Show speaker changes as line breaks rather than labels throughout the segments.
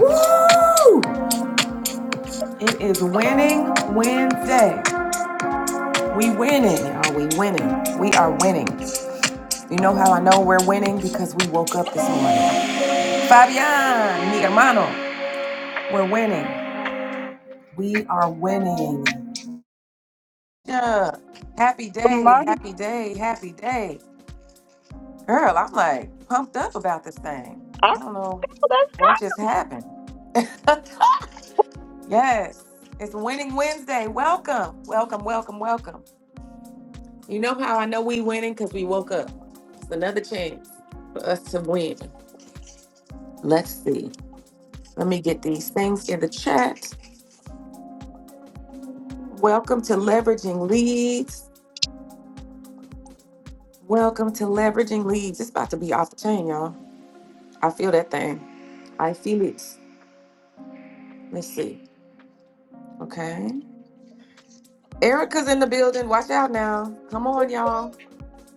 Woo! It is winning Wednesday. We winning, y'all. We winning. We are winning. You know how I know we're winning? Because we woke up this morning. Fabian, mi hermano, we're winning. We are winning. Yeah. Happy
The
day,
mother,
happy day, happy day. Girl, I'm like pumped up about this thing.
oh,
I don't know
that's
what
God.
just happened. yes, it's Winning Wednesday. Welcome, welcome, welcome, welcome. You know how I know we winning? Because we woke up. It's another chance for us to win. Let's see. Let me get these things in the chat. Welcome to Leveraging Leads. Welcome to Leveraging Leads. It's about to be off the chain, y'all. I feel that thing. I feel it. Let's see. Okay. Erica's in the building. Watch out now. Come on, y'all.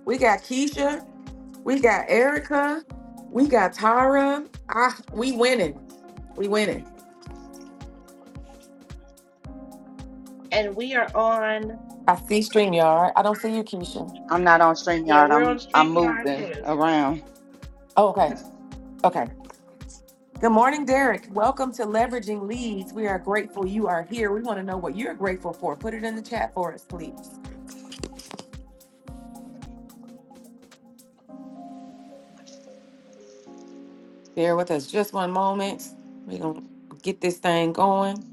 We got Keisha. We got Erica. We got Tara. Ah, we winning. We winning.
And we are on,
I see StreamYard. I don't see you, Keisha.
I'm not on
yeah,
StreamYard.
we're on
I'm I'm
StreamYard
moving
too.
around.
Oh, okay. Okay. Good morning, Derek. Welcome to Leveraging Leads. We are grateful you are here. We want to know what you're grateful for. Put it in the chat for us, please. Bear with us just one moment. We're going to get this thing going.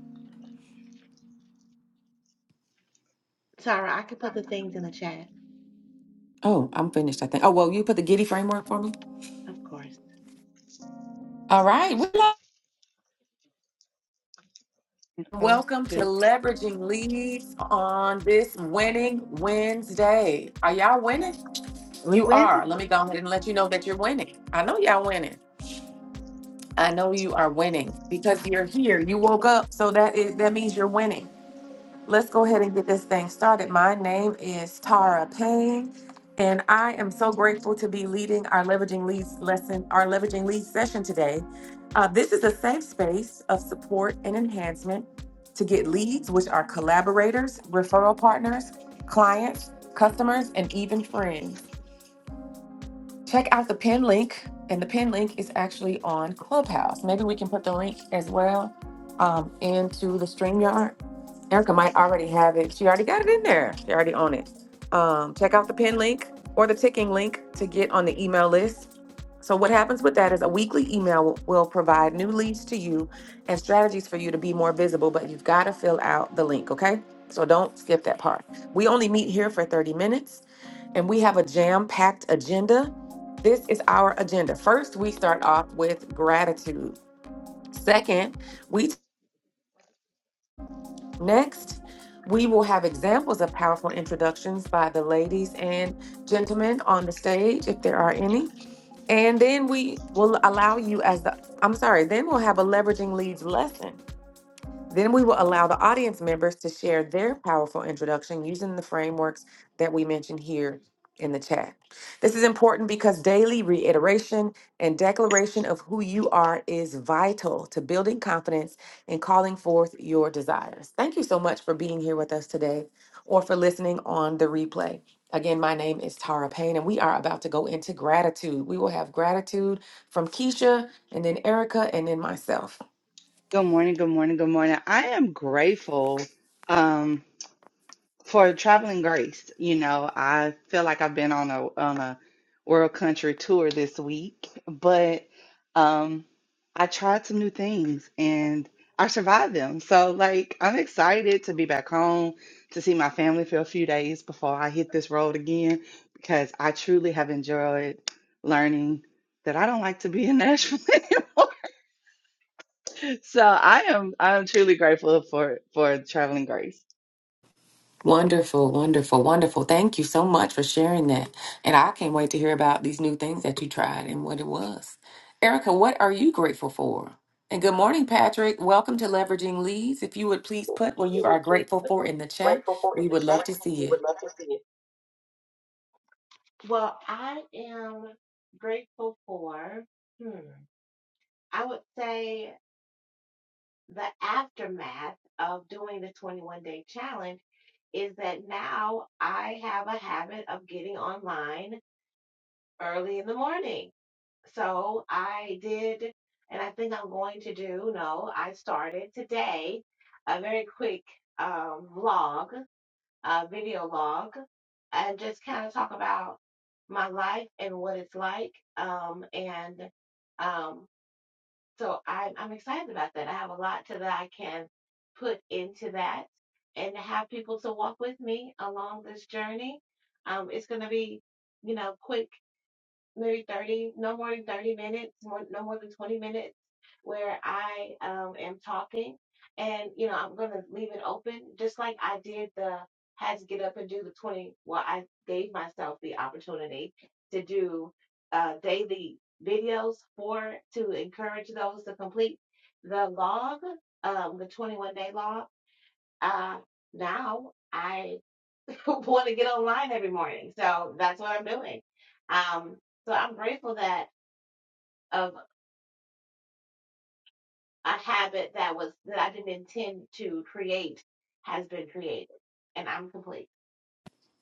Tara, I can put the things in the chat,
Oh, I'm finished, I think. Oh, well, you put the Giddy framework for me?
of course.
All right. We love-
Oh,
Welcome to
dude,
Leveraging Leads on this Winning Wednesday. Are y'all winning?
we
You
winning.
are. Let me go ahead and let you know that you're winning. I know y'all winning. I know you are winning because you're here. You woke up, so that is that means you're winning. Let's go ahead and get this thing started. My name is Tara Payne, and I am so grateful to be leading our leveraging leads lesson, our leveraging leads session today. Uh, this is a safe space of support and enhancement to get leads, which are collaborators, referral partners, clients, customers, and even friends check out the pin link and the pin link is actually on clubhouse maybe we can put the link as well um, into the StreamYard. erica might already have it she already got it in there she already on it um, check out the pin link or the ticking link to get on the email list so what happens with that is a weekly email will will provide new leads to you and strategies for you to be more visible but you've got to fill out the link okay so don't skip that part we only meet here for 30 minutes and we have a jam packed agenda. This is our agenda. First, we start off with gratitude. Second, we next we will have examples of powerful introductions by the ladies and gentlemen on the stage if there are any. And then we will allow you as the I'm sorry, then we'll have a leveraging leads lesson Then we will allow the audience members to share their powerful introduction using the frameworks that we mentioned here in the chat. This is important because daily reiteration and declaration of who you are is vital to building confidence and calling forth your desires. Thank you so much for being here with us today or for listening on the replay. Again, my name is Tara Payne, and we are about to go into gratitude. We will have gratitude from Keisha and then Erica and then myself.
Good morning, good morning, good morning. I am grateful. Um. for traveling grace you know i feel like i've been on a on a world country tour this week but um i tried some new things and i survived them so like i'm excited to be back home to see my family for a few days before i hit this road again because i truly have enjoyed learning that i don't like to be in nashville anymore so i am i'm truly grateful for for traveling grace
Wonderful, wonderful, wonderful. Thank you so much for sharing that. And I can't wait to hear about these new things that you tried and what it was. Erica, what are you grateful for? And good morning, Patrick. Welcome to Leveraging Leads. If you would please
So
put what you are
anyone please
grateful
put
for
the
in the chat,
grateful for
we
in the
would
chat.
love to see
We
it.
would love to see it. Well, I am grateful for, hmm, I would say the aftermath of doing the 21 day challenge is that now I have a habit of getting online early in the morning. So I did, and I think I'm going to do, no, I started today a very quick um, log, uh, video log, and just kind of talk about my life and what it's like. Um, and um, so I, I'm excited about that. I have a lot to that I can put into that and have people to walk with me along this journey. Um, it's going to be, you know, quick maybe 30, no more than 30 minutes, more, no more than 20 minutes, where I um, am talking. And, you know, I'm going to leave it open, just like I did the, had to get up and do the 20. Well, I gave myself the opportunity to do uh, daily videos for, to encourage those to complete the log, um, the 21 day log. Uh, now, I. want to get online every morning. So that's what I'm doing. Um, so I'm grateful that of a habit that was that I didn't intend to create has been created, and I'm complete.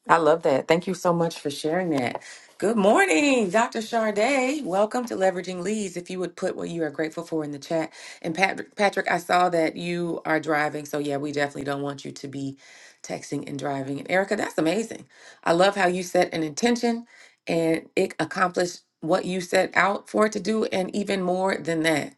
I love that. Thank you so much for sharing that. Good morning, Dr. Charday. Welcome to Leveraging Leads. If you would put what you are grateful for in the chat. And Patrick, Patrick, I saw that you are driving. So, yeah, we definitely don't want you to be texting and driving. And Erica, that's amazing. I love how you set an intention and it accomplished what you set out for it to do, and even more than that.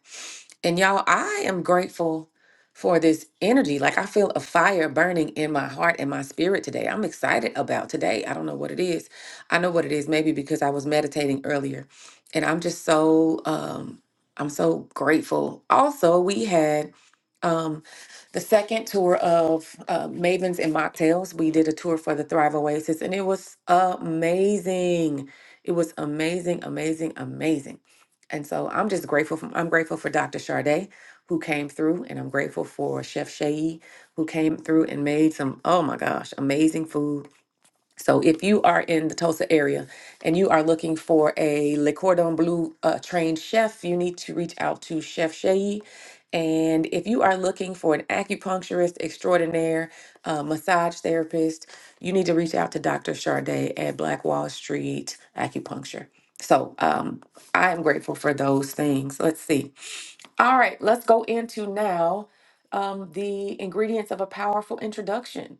And y'all, I am grateful for this energy. Like I feel a fire burning in my heart and my spirit today. I'm excited about today. I don't know what it is. I know what it is maybe because I was meditating earlier. And I'm just so um I'm so grateful. Also, we had um the second tour of uh, Mavens and Mocktails. We did a tour for the Thrive Oasis and it was amazing. It was amazing, amazing, amazing. And so I'm just grateful. For, I'm grateful for Dr. Sade who came through, and I'm grateful for Chef Shay who came through and made some, oh my gosh, amazing food. So if you are in the Tulsa area and you are looking for a Le Cordon Bleu uh, trained chef, you need to reach out to Chef Shay. And if you are looking for an acupuncturist extraordinaire, uh, massage therapist, you need to reach out to Dr. Charday at Black Wall Street Acupuncture. So um, I am grateful for those things. Let's see. All right, let's go into now um, the ingredients of a powerful introduction.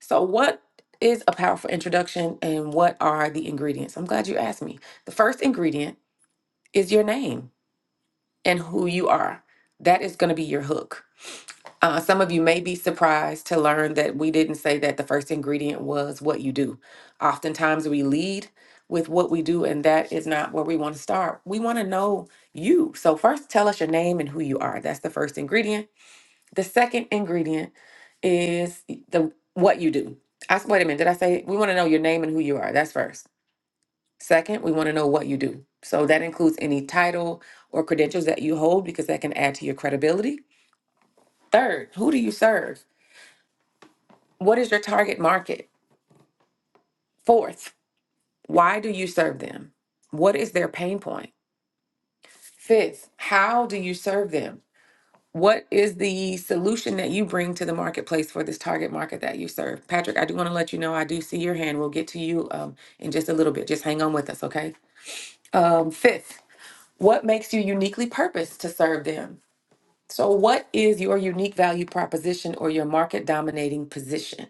So, what is a powerful introduction and what are the ingredients? I'm glad you asked me. The first ingredient is your name and who you are. That is going to be your hook. Uh, some of you may be surprised to learn that we didn't say that the first ingredient was what you do. Oftentimes we lead with what we do, and that is not where we want to start. We want to know you. So, first, tell us your name and who you are. That's the first ingredient. The second ingredient is the what you do. I s- wait a minute. Did I say we want to know your name and who you are? That's first. Second, we want to know what you do. So that includes any title or credentials that you hold because that can add to your credibility. Third, who do you serve? What is your target market? Fourth, why do you serve them? What is their pain point? Fifth, how do you serve them? What is the solution that you bring to the marketplace for this target market that you serve? Patrick, I do want to let you know I do see your hand. We'll get to you um, in just a little bit. Just hang on with us, okay? Um, fifth, what makes you uniquely purposed to serve them? So, what is your unique value proposition or your market dominating position?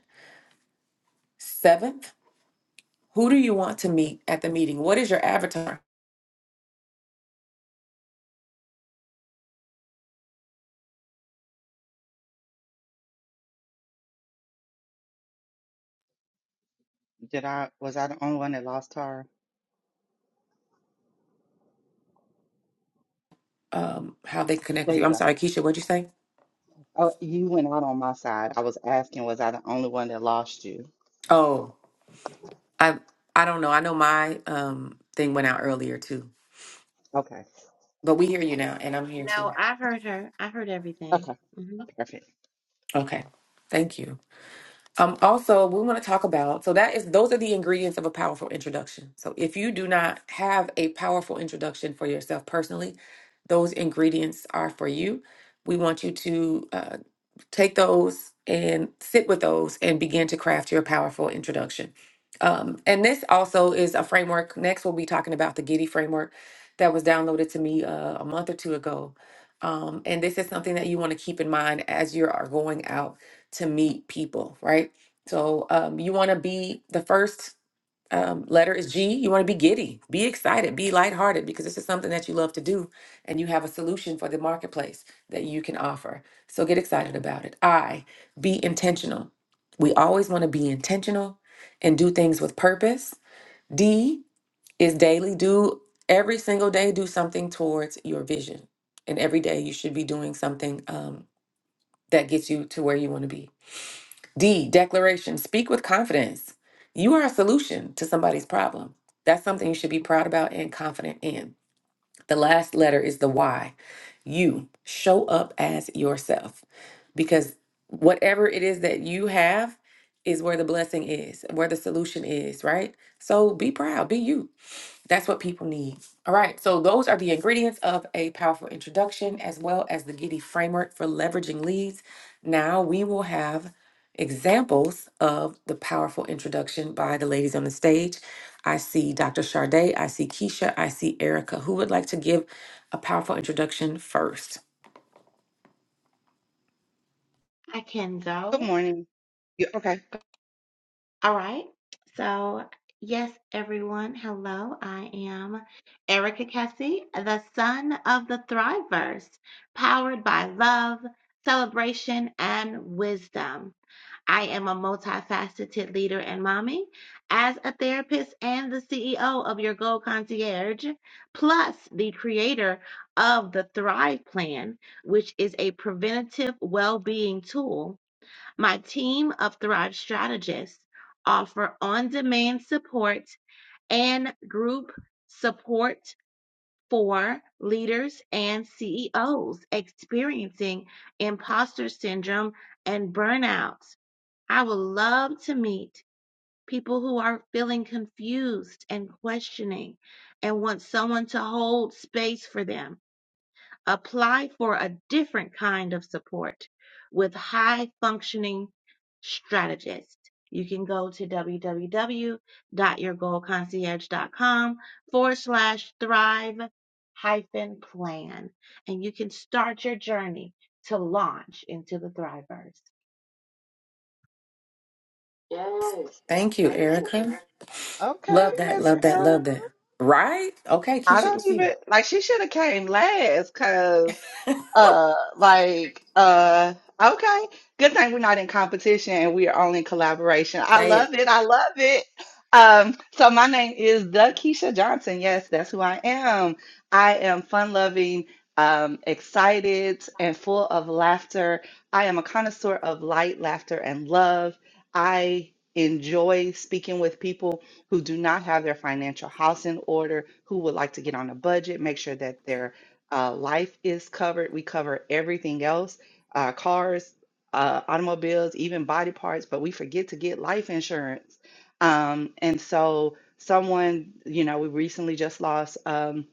Seventh, who do you want to meet at the meeting? What is your avatar?
did i was i the only one that lost her
um how they connect
There
with you.
you
I'm
go.
sorry, Keisha, what'd you say?
Oh, you went out on my side. I was asking, was I the only one that lost you?
Oh, I I don't know. I know my um thing went out earlier too.
Okay.
But we hear you now and I'm here too.
No, I've heard her. I've heard everything.
Okay.
hmm
Perfect.
Okay. Thank you. Um also we want to talk about so that is those are the ingredients of a powerful introduction. So if you do not have a powerful introduction for yourself personally, those ingredients are for you. We want you to uh, Take those and sit with those and begin to craft your powerful introduction. Um, and this also is a framework. Next, we'll be talking about the Giddy framework that was downloaded to me uh, a month or two ago. Um, and this is something that you want to keep in mind as you are going out to meet people, right? So um, you want to be the first um, letter is G. You want to be giddy, be excited, be lighthearted because this is something that you love to do and you have a solution for the marketplace that you can offer. So get excited about it. I, be intentional. We always want to be intentional and do things with purpose. D is daily. Do every single day, do something towards your vision. And every day you should be doing something um, that gets you to where you want to be. D, declaration. Speak with confidence. You are a solution to somebody's problem. That's something you should be proud about and confident in. The last letter is the Y. You show up as yourself because whatever it is that you have is where the blessing is, where the solution is, right? So be proud, be you. That's what people need. All right. So, those are the ingredients of a powerful introduction, as well as the Giddy framework for leveraging leads. Now, we will have examples of the powerful introduction by the ladies on the stage. I see Dr. Charday. I see Keisha. I see Erica. Who would like to give a powerful introduction first?
I can
Good
go.
morning. You okay?
All right. So yes, everyone. Hello, I am Erica Cassie, the son of the Thriverse, powered by love, celebration, and wisdom. I am a multifaceted leader and mommy, as a therapist and the CEO of Your Goal Concierge, plus the creator of the Thrive Plan, which is a preventative well being tool. My team of Thrive strategists offer on demand support and group support for leaders and CEOs experiencing imposter syndrome and burnout. I would love to meet people who are feeling confused and questioning and want someone to hold space for them. Apply for a different kind of support with high functioning strategists. You can go to www.your goal concierge dot com forward slash thrive hyphen plan and you can start your journey to launch into the thrivers.
Thank you, Erica.
Okay,
Love that.
Miss
Love that. Love
Erica.
that. Right? Okay,
I
Keisha,
don't
it's
even
you.
like she should have came last because uh like uh okay good thing we're not in competition and we are only in collaboration. I
Say
love
it.
it. I love it. Um so my name is the Keisha Johnson. Yes, that's who I am. I am fun loving, um, excited and full of laughter. I am a connoisseur of light, laughter, and love. I enjoy speaking with people who do not have their financial house in order, who would like to get on a budget, make sure that their uh, life is covered. We cover everything else uh, cars, uh, automobiles, even body parts, but we forget to get life insurance. Um, and so, someone, you know, we recently just lost. Um,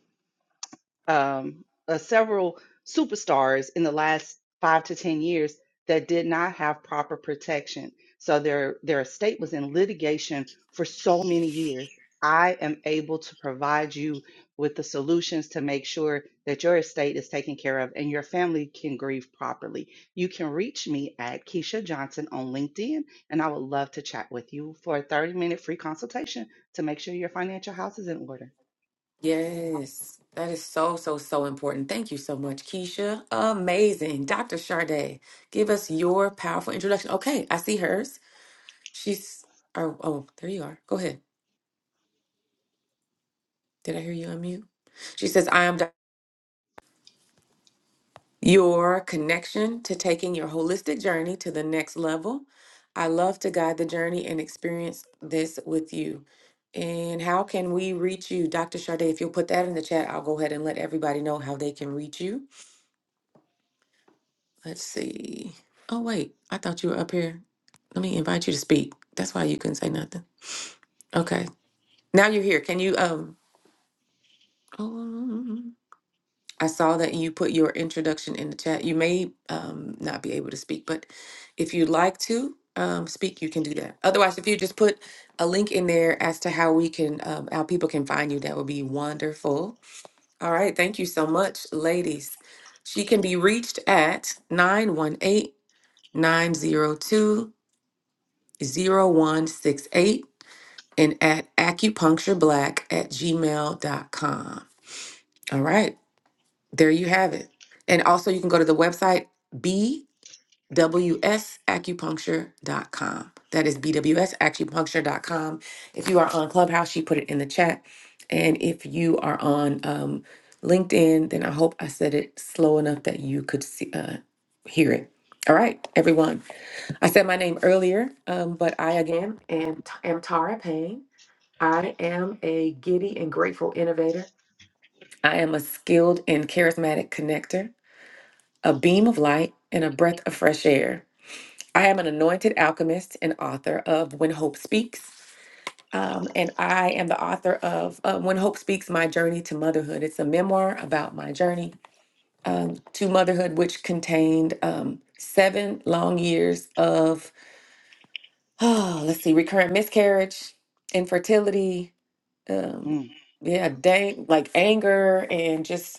um, uh, several superstars in the last five to ten years that did not have proper protection. So their their estate was in litigation for so many years. I am able to provide you with the solutions to make sure that your estate is taken care of and your family can grieve properly. You can reach me at Keisha Johnson on LinkedIn, and I would love to chat with you for a 30 minute free consultation to make sure your financial house is in order.
Yes, that is so, so, so important. Thank you so much, Keisha. Amazing. Dr. Sade, give us your powerful introduction. Okay, I see hers. She's, oh, oh, there you are. Go ahead. Did I hear you unmute? She says, I am your connection to taking your holistic journey to the next level. I love to guide the journey and experience this with you. And how can we reach you, Dr. Sade? If you'll put that in the chat, I'll go ahead and let everybody know how they can reach you. Let's see. Oh, wait, I thought you were up here. Let me invite you to speak. That's why you couldn't say nothing. Okay, now you're here. Can you? Um. I saw that you put your introduction in the chat. You may um, not be able to speak, but if you'd like to um, speak, you can do that. Otherwise, if you just put a link in there as to how we can, um, how people can find you, that would be wonderful. All right. Thank you so much, ladies. She can be reached at nine one eight nine zero two zero one six eight and at acupunctureblack at gmail dot com. All right. There you have it. And also, you can go to the website b w s acupuncture dot com. That is b w s acupuncture dot com. If you are on Clubhouse, she put it in the chat. And if you are on um, LinkedIn, then I hope I said it slow enough that you could see, uh, hear it. All right, everyone. I said my name earlier, um, but I again am, am Tara Payne. I am a giddy and grateful innovator. I am a skilled and charismatic connector a beam of light, and a breath of fresh air. I am an anointed alchemist and author of When Hope Speaks. Um, and I am the author of uh, When Hope Speaks My Journey to Motherhood. It's a memoir about my journey um, to motherhood, which contained um, seven long years of, oh, let's see, recurrent miscarriage, infertility, um,
Mm.
yeah, dang, like anger, and just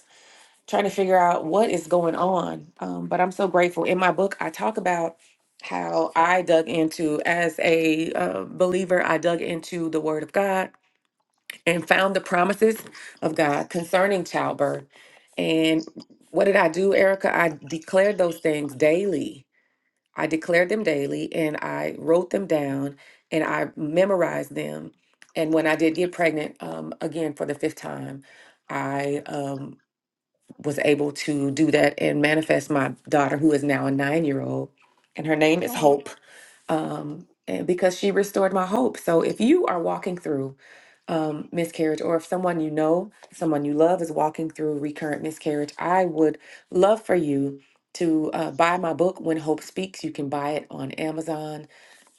trying to figure out what is going on. Um, but I'm so grateful. In my book, I talk about how I dug into, as a uh, believer, I dug into the Word of God and found the promises of God concerning childbirth. And what did I do, Erica? I declared those things daily. I declared them daily and I wrote them down and I memorized them. And when I did get pregnant, um, again for the fifth time, I um, was able to do that and manifest my daughter, who is now a nine year old, and her name is
Oh,
Hope, um, and because she restored my hope. So if you are walking through um, miscarriage, or if someone you know, someone you love is walking through recurrent miscarriage, I would love for you to uh, buy my book, When Hope Speaks. You can buy it on Amazon.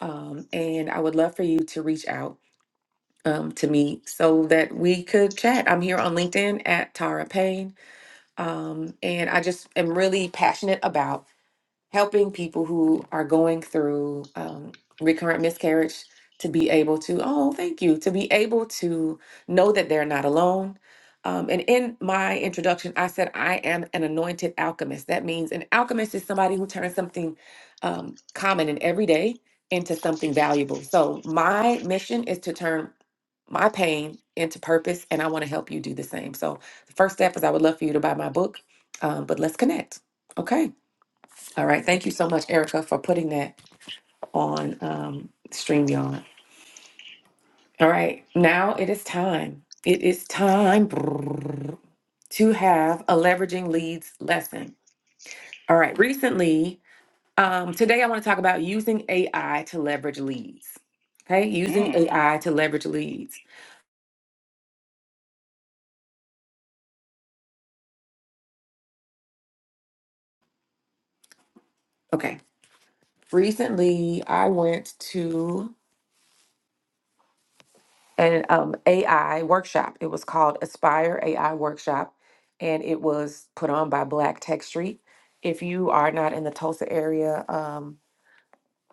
Um, and I would love for you to reach out um, to me so that we could chat. I'm here on LinkedIn at Tara Payne um, and I just am really passionate about helping people who are going through um, recurrent miscarriage to be able to, oh, thank you, to be able to know that they're not alone. Um, and in my introduction, I said, I am an anointed alchemist. That means an alchemist is somebody who turns something um, common and everyday into something valuable. So, my mission is to turn my pain into purpose, and I want to help you do the same. So, the first step is I would love for you to buy my book, um, but let's connect. Okay. All right. Thank you
that's
so
all.
much, Erica, for putting that on um, StreamYard. All right. Now it is time. It is time to have a leveraging leads lesson. All right. Recently, um, today I want to talk about using AI to leverage leads. Okay.
Mm.
Using AI to leverage leads. Okay. Recently, I went to an um, AI workshop. It was called Aspire AI Workshop, and it was put on by Black Tech Street. If you are not in the Tulsa area, um,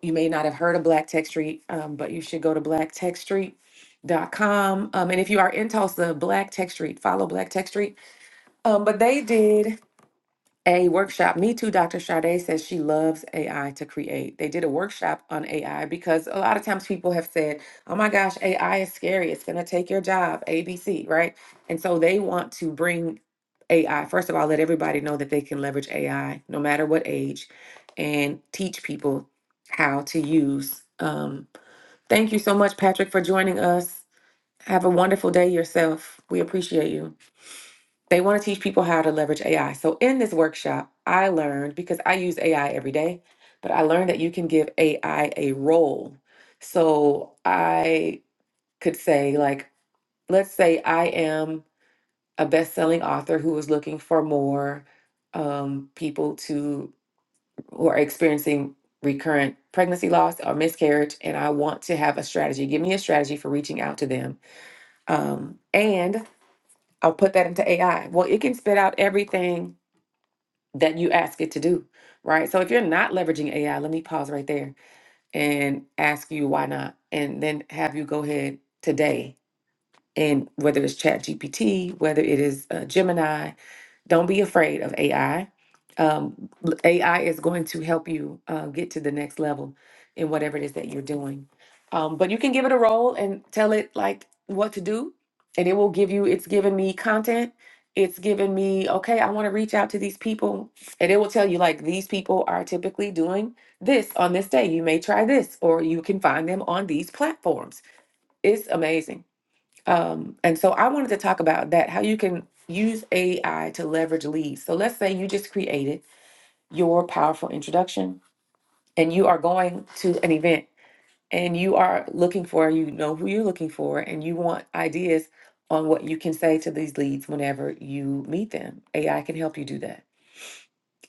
you may not have heard of Black Tech Street, um, but you should go to blacktechstreet.com. Um, and if you are in Tulsa, Black Tech Street, follow Black Tech Street. Um, but they did a workshop. Me too, Dr. Sade says she loves AI to create. They did a workshop on AI because a lot of times people have said, oh my gosh, AI is scary. It's going to take your job, ABC, right? And so they want to bring AI, first of all, let everybody know that they can leverage AI no matter what age and teach people how to use. Um, thank you so much, Patrick, for joining us. Have a wonderful day yourself. We appreciate you. They want to teach people how to leverage AI. So, in this workshop, I learned because I use AI every day, but I learned that you can give AI a role. So, I could say, like, let's say I am a best selling author who is looking for more um, people to who are experiencing recurrent pregnancy loss or miscarriage, and I want to have a strategy. Give me a strategy for reaching out to them. Um, and I'll put that into AI. Well, it can spit out everything that you ask it to do, right? So if you're not leveraging AI, let me pause right there and ask you why not, and then have you go ahead today and whether it's Chat GPT, whether it is uh, Gemini, don't be afraid of AI. Um, l- AI is going to help you uh, get to the next level in whatever it is that you're doing. Um, but you can give it a role and tell it like what to do, and it will give you. It's giving me content. It's giving me okay. I want to reach out to these people, and it will tell you like these people are typically doing this on this day. You may try this, or you can find them on these platforms. It's amazing. Um, and so I wanted to talk about that how you can use AI to leverage leads. So let's say you just created your powerful introduction and you are going to an event and you are looking for, you know who you're looking for, and you want ideas on what you can say to these leads whenever you meet them. AI can help you do that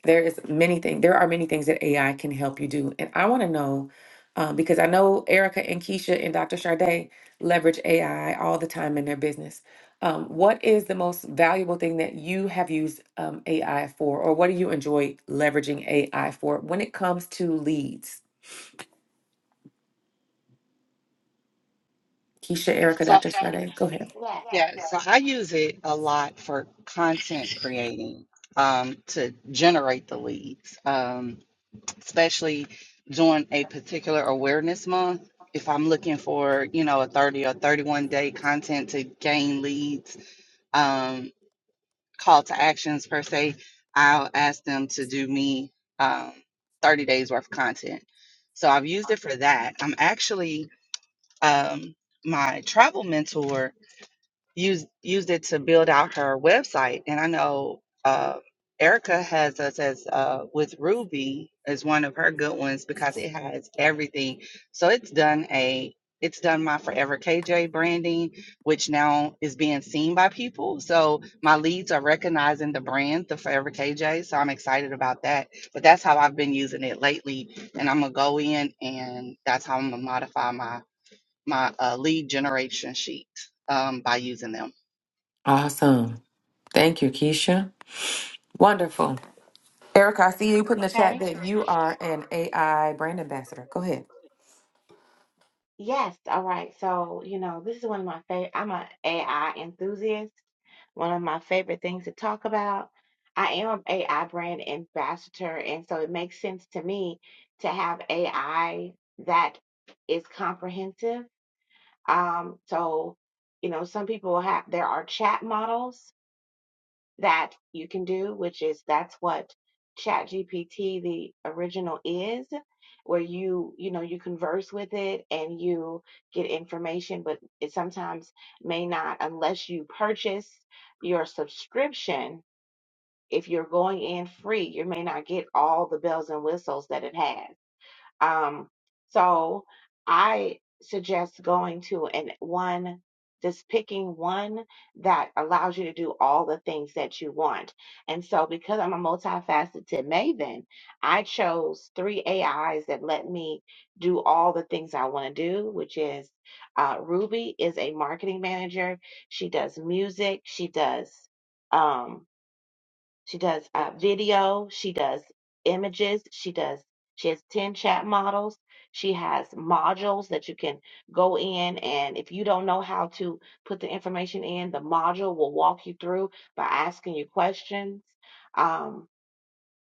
there is many things there are many things that ai can help you do and i want to know um, because i know erica and keisha and dr Sharday leverage ai all the time in their business um, what is the most valuable thing that you have used um, ai for or what do you enjoy leveraging ai for when it comes to leads keisha erica
So
dr Sharday, go ahead
Yes.
yeah, so I use it a lot for content creating um, to generate the leads, um, especially during a particular awareness month. If I'm looking for, you know, a 30 or 31 day content to gain leads, um, call to actions per se, I'll ask them to do me um, 30 days worth of content. So I've used it for that. I'm actually um, my travel mentor used used it to build out her website. And I know uh, Erica has us as uh, with Ruby is one of her good ones because it has everything. So it's done a it's done my Forever KJ branding, which now is being seen by people. So my leads are recognizing the brand, the Forever KJ. So I'm excited about that. But that's how I've been using it lately, and I'm gonna go in and that's how I'm gonna modify my my uh, lead generation sheet um, by using them.
awesome thank you keisha wonderful erica i see you put in the chat
Okay.
that you are an ai brand ambassador go ahead
Yes, all right. So, you know, this is one of my favorite. I'm an AI enthusiast. One of my favorite things to talk about. I am an AI brand ambassador, and so it makes sense to me to have AI that is comprehensive. Um, so, you know, some people have there are chat models that you can do, which is that's what ChatGPT, the original is, where you, you know, you converse with it and you get information, but it sometimes may not unless you purchase your subscription. If you're going in free, you may not get all the bells and whistles that it has. Um, so I suggest going to an one, just picking one that allows you to do all the things that you want. And so because I'm a multifaceted maven, I chose three AIs that let me do all the things I want to do, which is uh, Ruby is a marketing manager. She does music. She does. Um. She does uh, video. She does images. She does. She has ten chat models. She has modules that you can go in, and if you don't know how to put the information in, the module will walk you through by asking you questions. Um,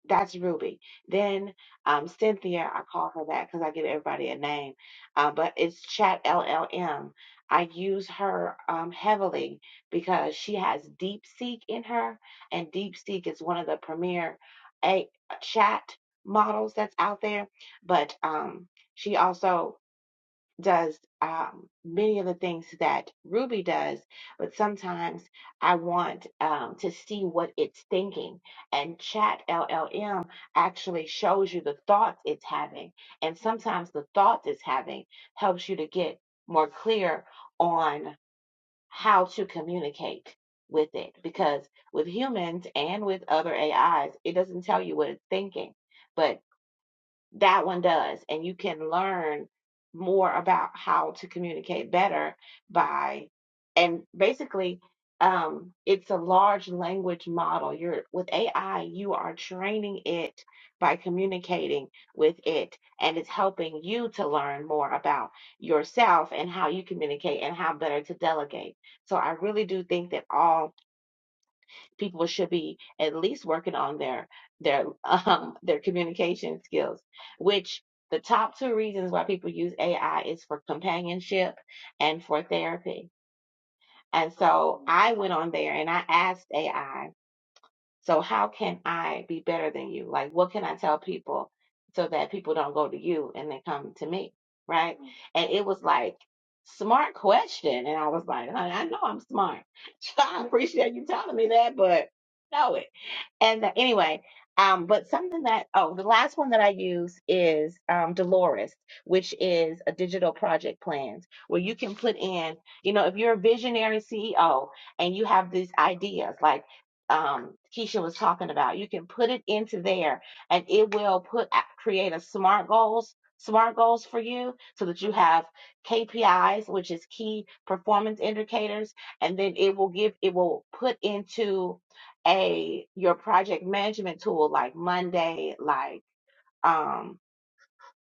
that's Ruby. Then um, Cynthia, I call her that because I give everybody a name, uh, but it's Chat LLM. I use her um, heavily because she has DeepSeek in her, and DeepSeek is one of the premier a chat models that's out there. But um, she also does um, many of the things that Ruby does, but sometimes I want um, to see what it's thinking. And Chat LLM actually shows you the thoughts it's having. And sometimes the thoughts it's having helps you to get more clear on how to communicate with it. Because with humans and with other AIs, it doesn't tell you what it's thinking. But that one does and you can learn more about how to communicate better by and basically um it's a large language model you're with AI you are training it by communicating with it and it's helping you to learn more about yourself and how you communicate and how better to delegate so i really do think that all people should be at least working on their their um their communication skills which the top two reasons why people use AI is for companionship and for therapy. And so I went on there and I asked AI, so how can I be better than you? Like what can I tell people so that people don't go to you and they come to me, right? And it was like smart question and I was like, "Honey, I know I'm smart. I appreciate you telling me that, but no and uh, anyway, um, but something that oh, the last one that I use is um, Dolores, which is a digital project plans where you can put in, you know, if you're a visionary CEO and you have these ideas like um, Keisha was talking about, you can put it into there and it will put create a smart goals. SMART goals for you so that you have KPIs, which is key performance indicators, and then it will give, it will put into a your project management tool like Monday, like um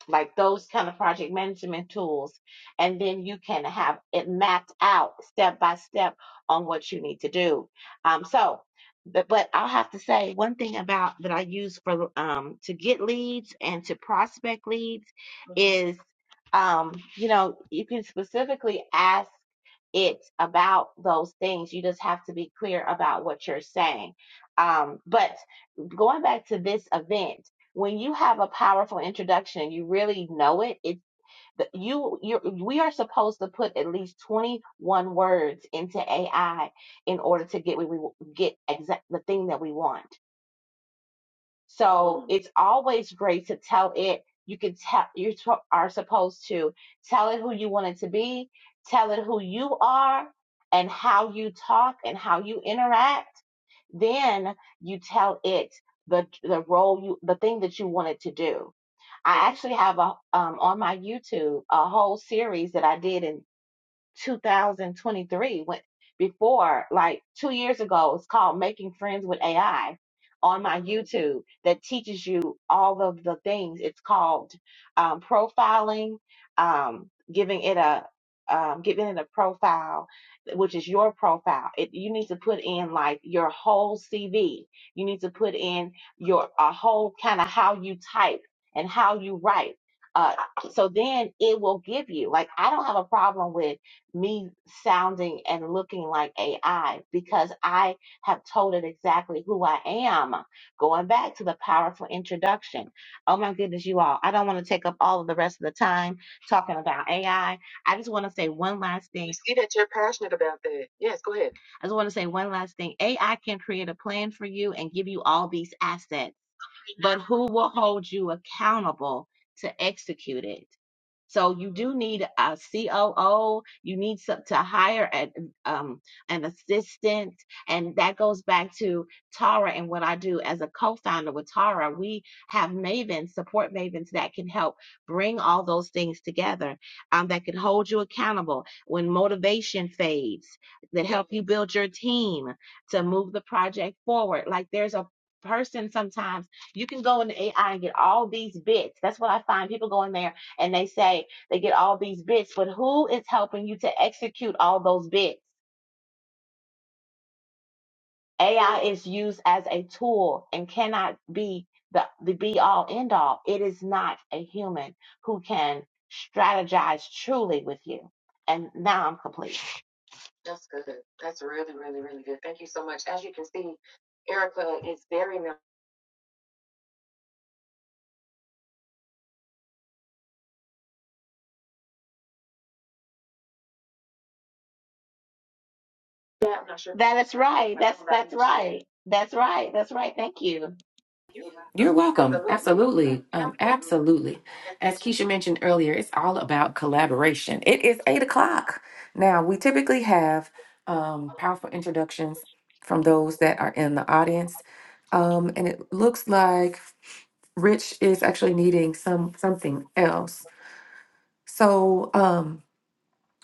like those kind of project management tools, and then you can have it mapped out step by step on what you need to do. Um, so, but but I'll have to say one thing about that I use for um to get leads and to prospect leads is um you know you can specifically ask it's about those things. You just have to be clear about what you're saying. Um, but going back to this event, when you have a powerful introduction, you really know it. It you you we are supposed to put at least 21 words into AI in order to get we we get exact the thing that we want. So it's always great to tell it. You can tell you t- are supposed to tell it who you want it to be, tell it who you are, and how you talk and how you interact. Then you tell it the the role you the thing that you want it to do. I actually have a um, on my YouTube a whole series that I did in 2023 when before like two years ago it's called making friends with ai on my youtube that teaches you all of the things it's called um, profiling um, giving it a um, giving it a profile which is your profile it, you need to put in like your whole cv you need to put in your a whole kind of how you type and how you write uh, so then it will give you like i don't have a problem with me sounding and looking like AI because I have told it exactly who I am. Going back to the powerful introduction. Oh my goodness, you all. I don't want to take up all of the rest of the time talking about AI. I I just want to say one last thing. see that you're passionate about that. Yes, go ahead. I just want to say one last thing. AI can create a plan for you and give you all these assets, but who will hold you accountable to execute it? So you do need a COO. You need some, to hire an, um, an assistant, and that goes back to Tara and what I do as a co-founder with Tara. We have mavens, support mavens that can help bring all those things together, um, that can hold you accountable when motivation fades, that help you build your team to move the project forward. Like there's a person sometimes you can go into AI and get all these bits. That's what I find. People go in there and they say they get all these bits, but who is helping you to execute all those bits? AI is used as a tool and cannot be the, the be all end all. It is not a human who can strategize truly with you. And now I'm complete. That's good. That's really, really, really good. Thank you so much. As you can see, Erica is very. Yeah, I'm not sure. That is right. That's that's right. That's right. That's right. Thank you. You have
You're
to,
welcome.
absolutely, um,
Absolutely. Um,
absolutely.
absolutely. As Keisha mentioned earlier, it's all about collaboration. It is eight o'clock. Now, we typically have um, powerful introductions from those that are in the audience. Um, and it looks like Rich is actually needing some something else. So, um,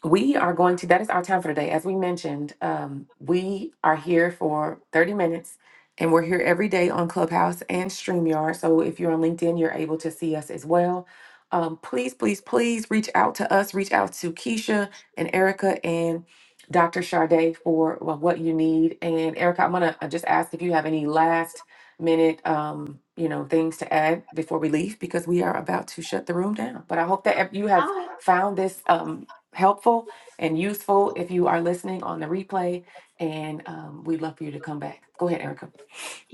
we are going to that is our time for today as we mentioned um, we are here for 30 minutes and we're here every day on clubhouse and streamyard so if you're on linkedin you're able to see us as well um, please please please reach out to us reach out to keisha and erica and dr Sade for well, what you need and erica i'm gonna uh, just ask if you have any last minute um, you know things to add before we leave because we are about to shut the room down but i hope that you have
Oh,
found this um, helpful and useful if you are listening on the replay. And um, we'd love for you to come back. Go ahead, Erica.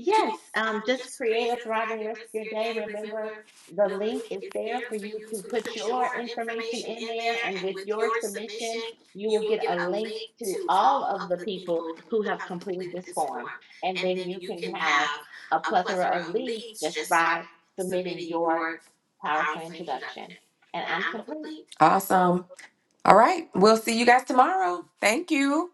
Yes, um, just create a thriving rest of your day. Remember, the link is there for you to put your information in there, and with your submission, you will get a link to all of the people who have completed this form. And then you can have a plethora of leads just by submitting your powerful introduction. And I'm complete.
Awesome. All right. We'll see you guys tomorrow. Thank you.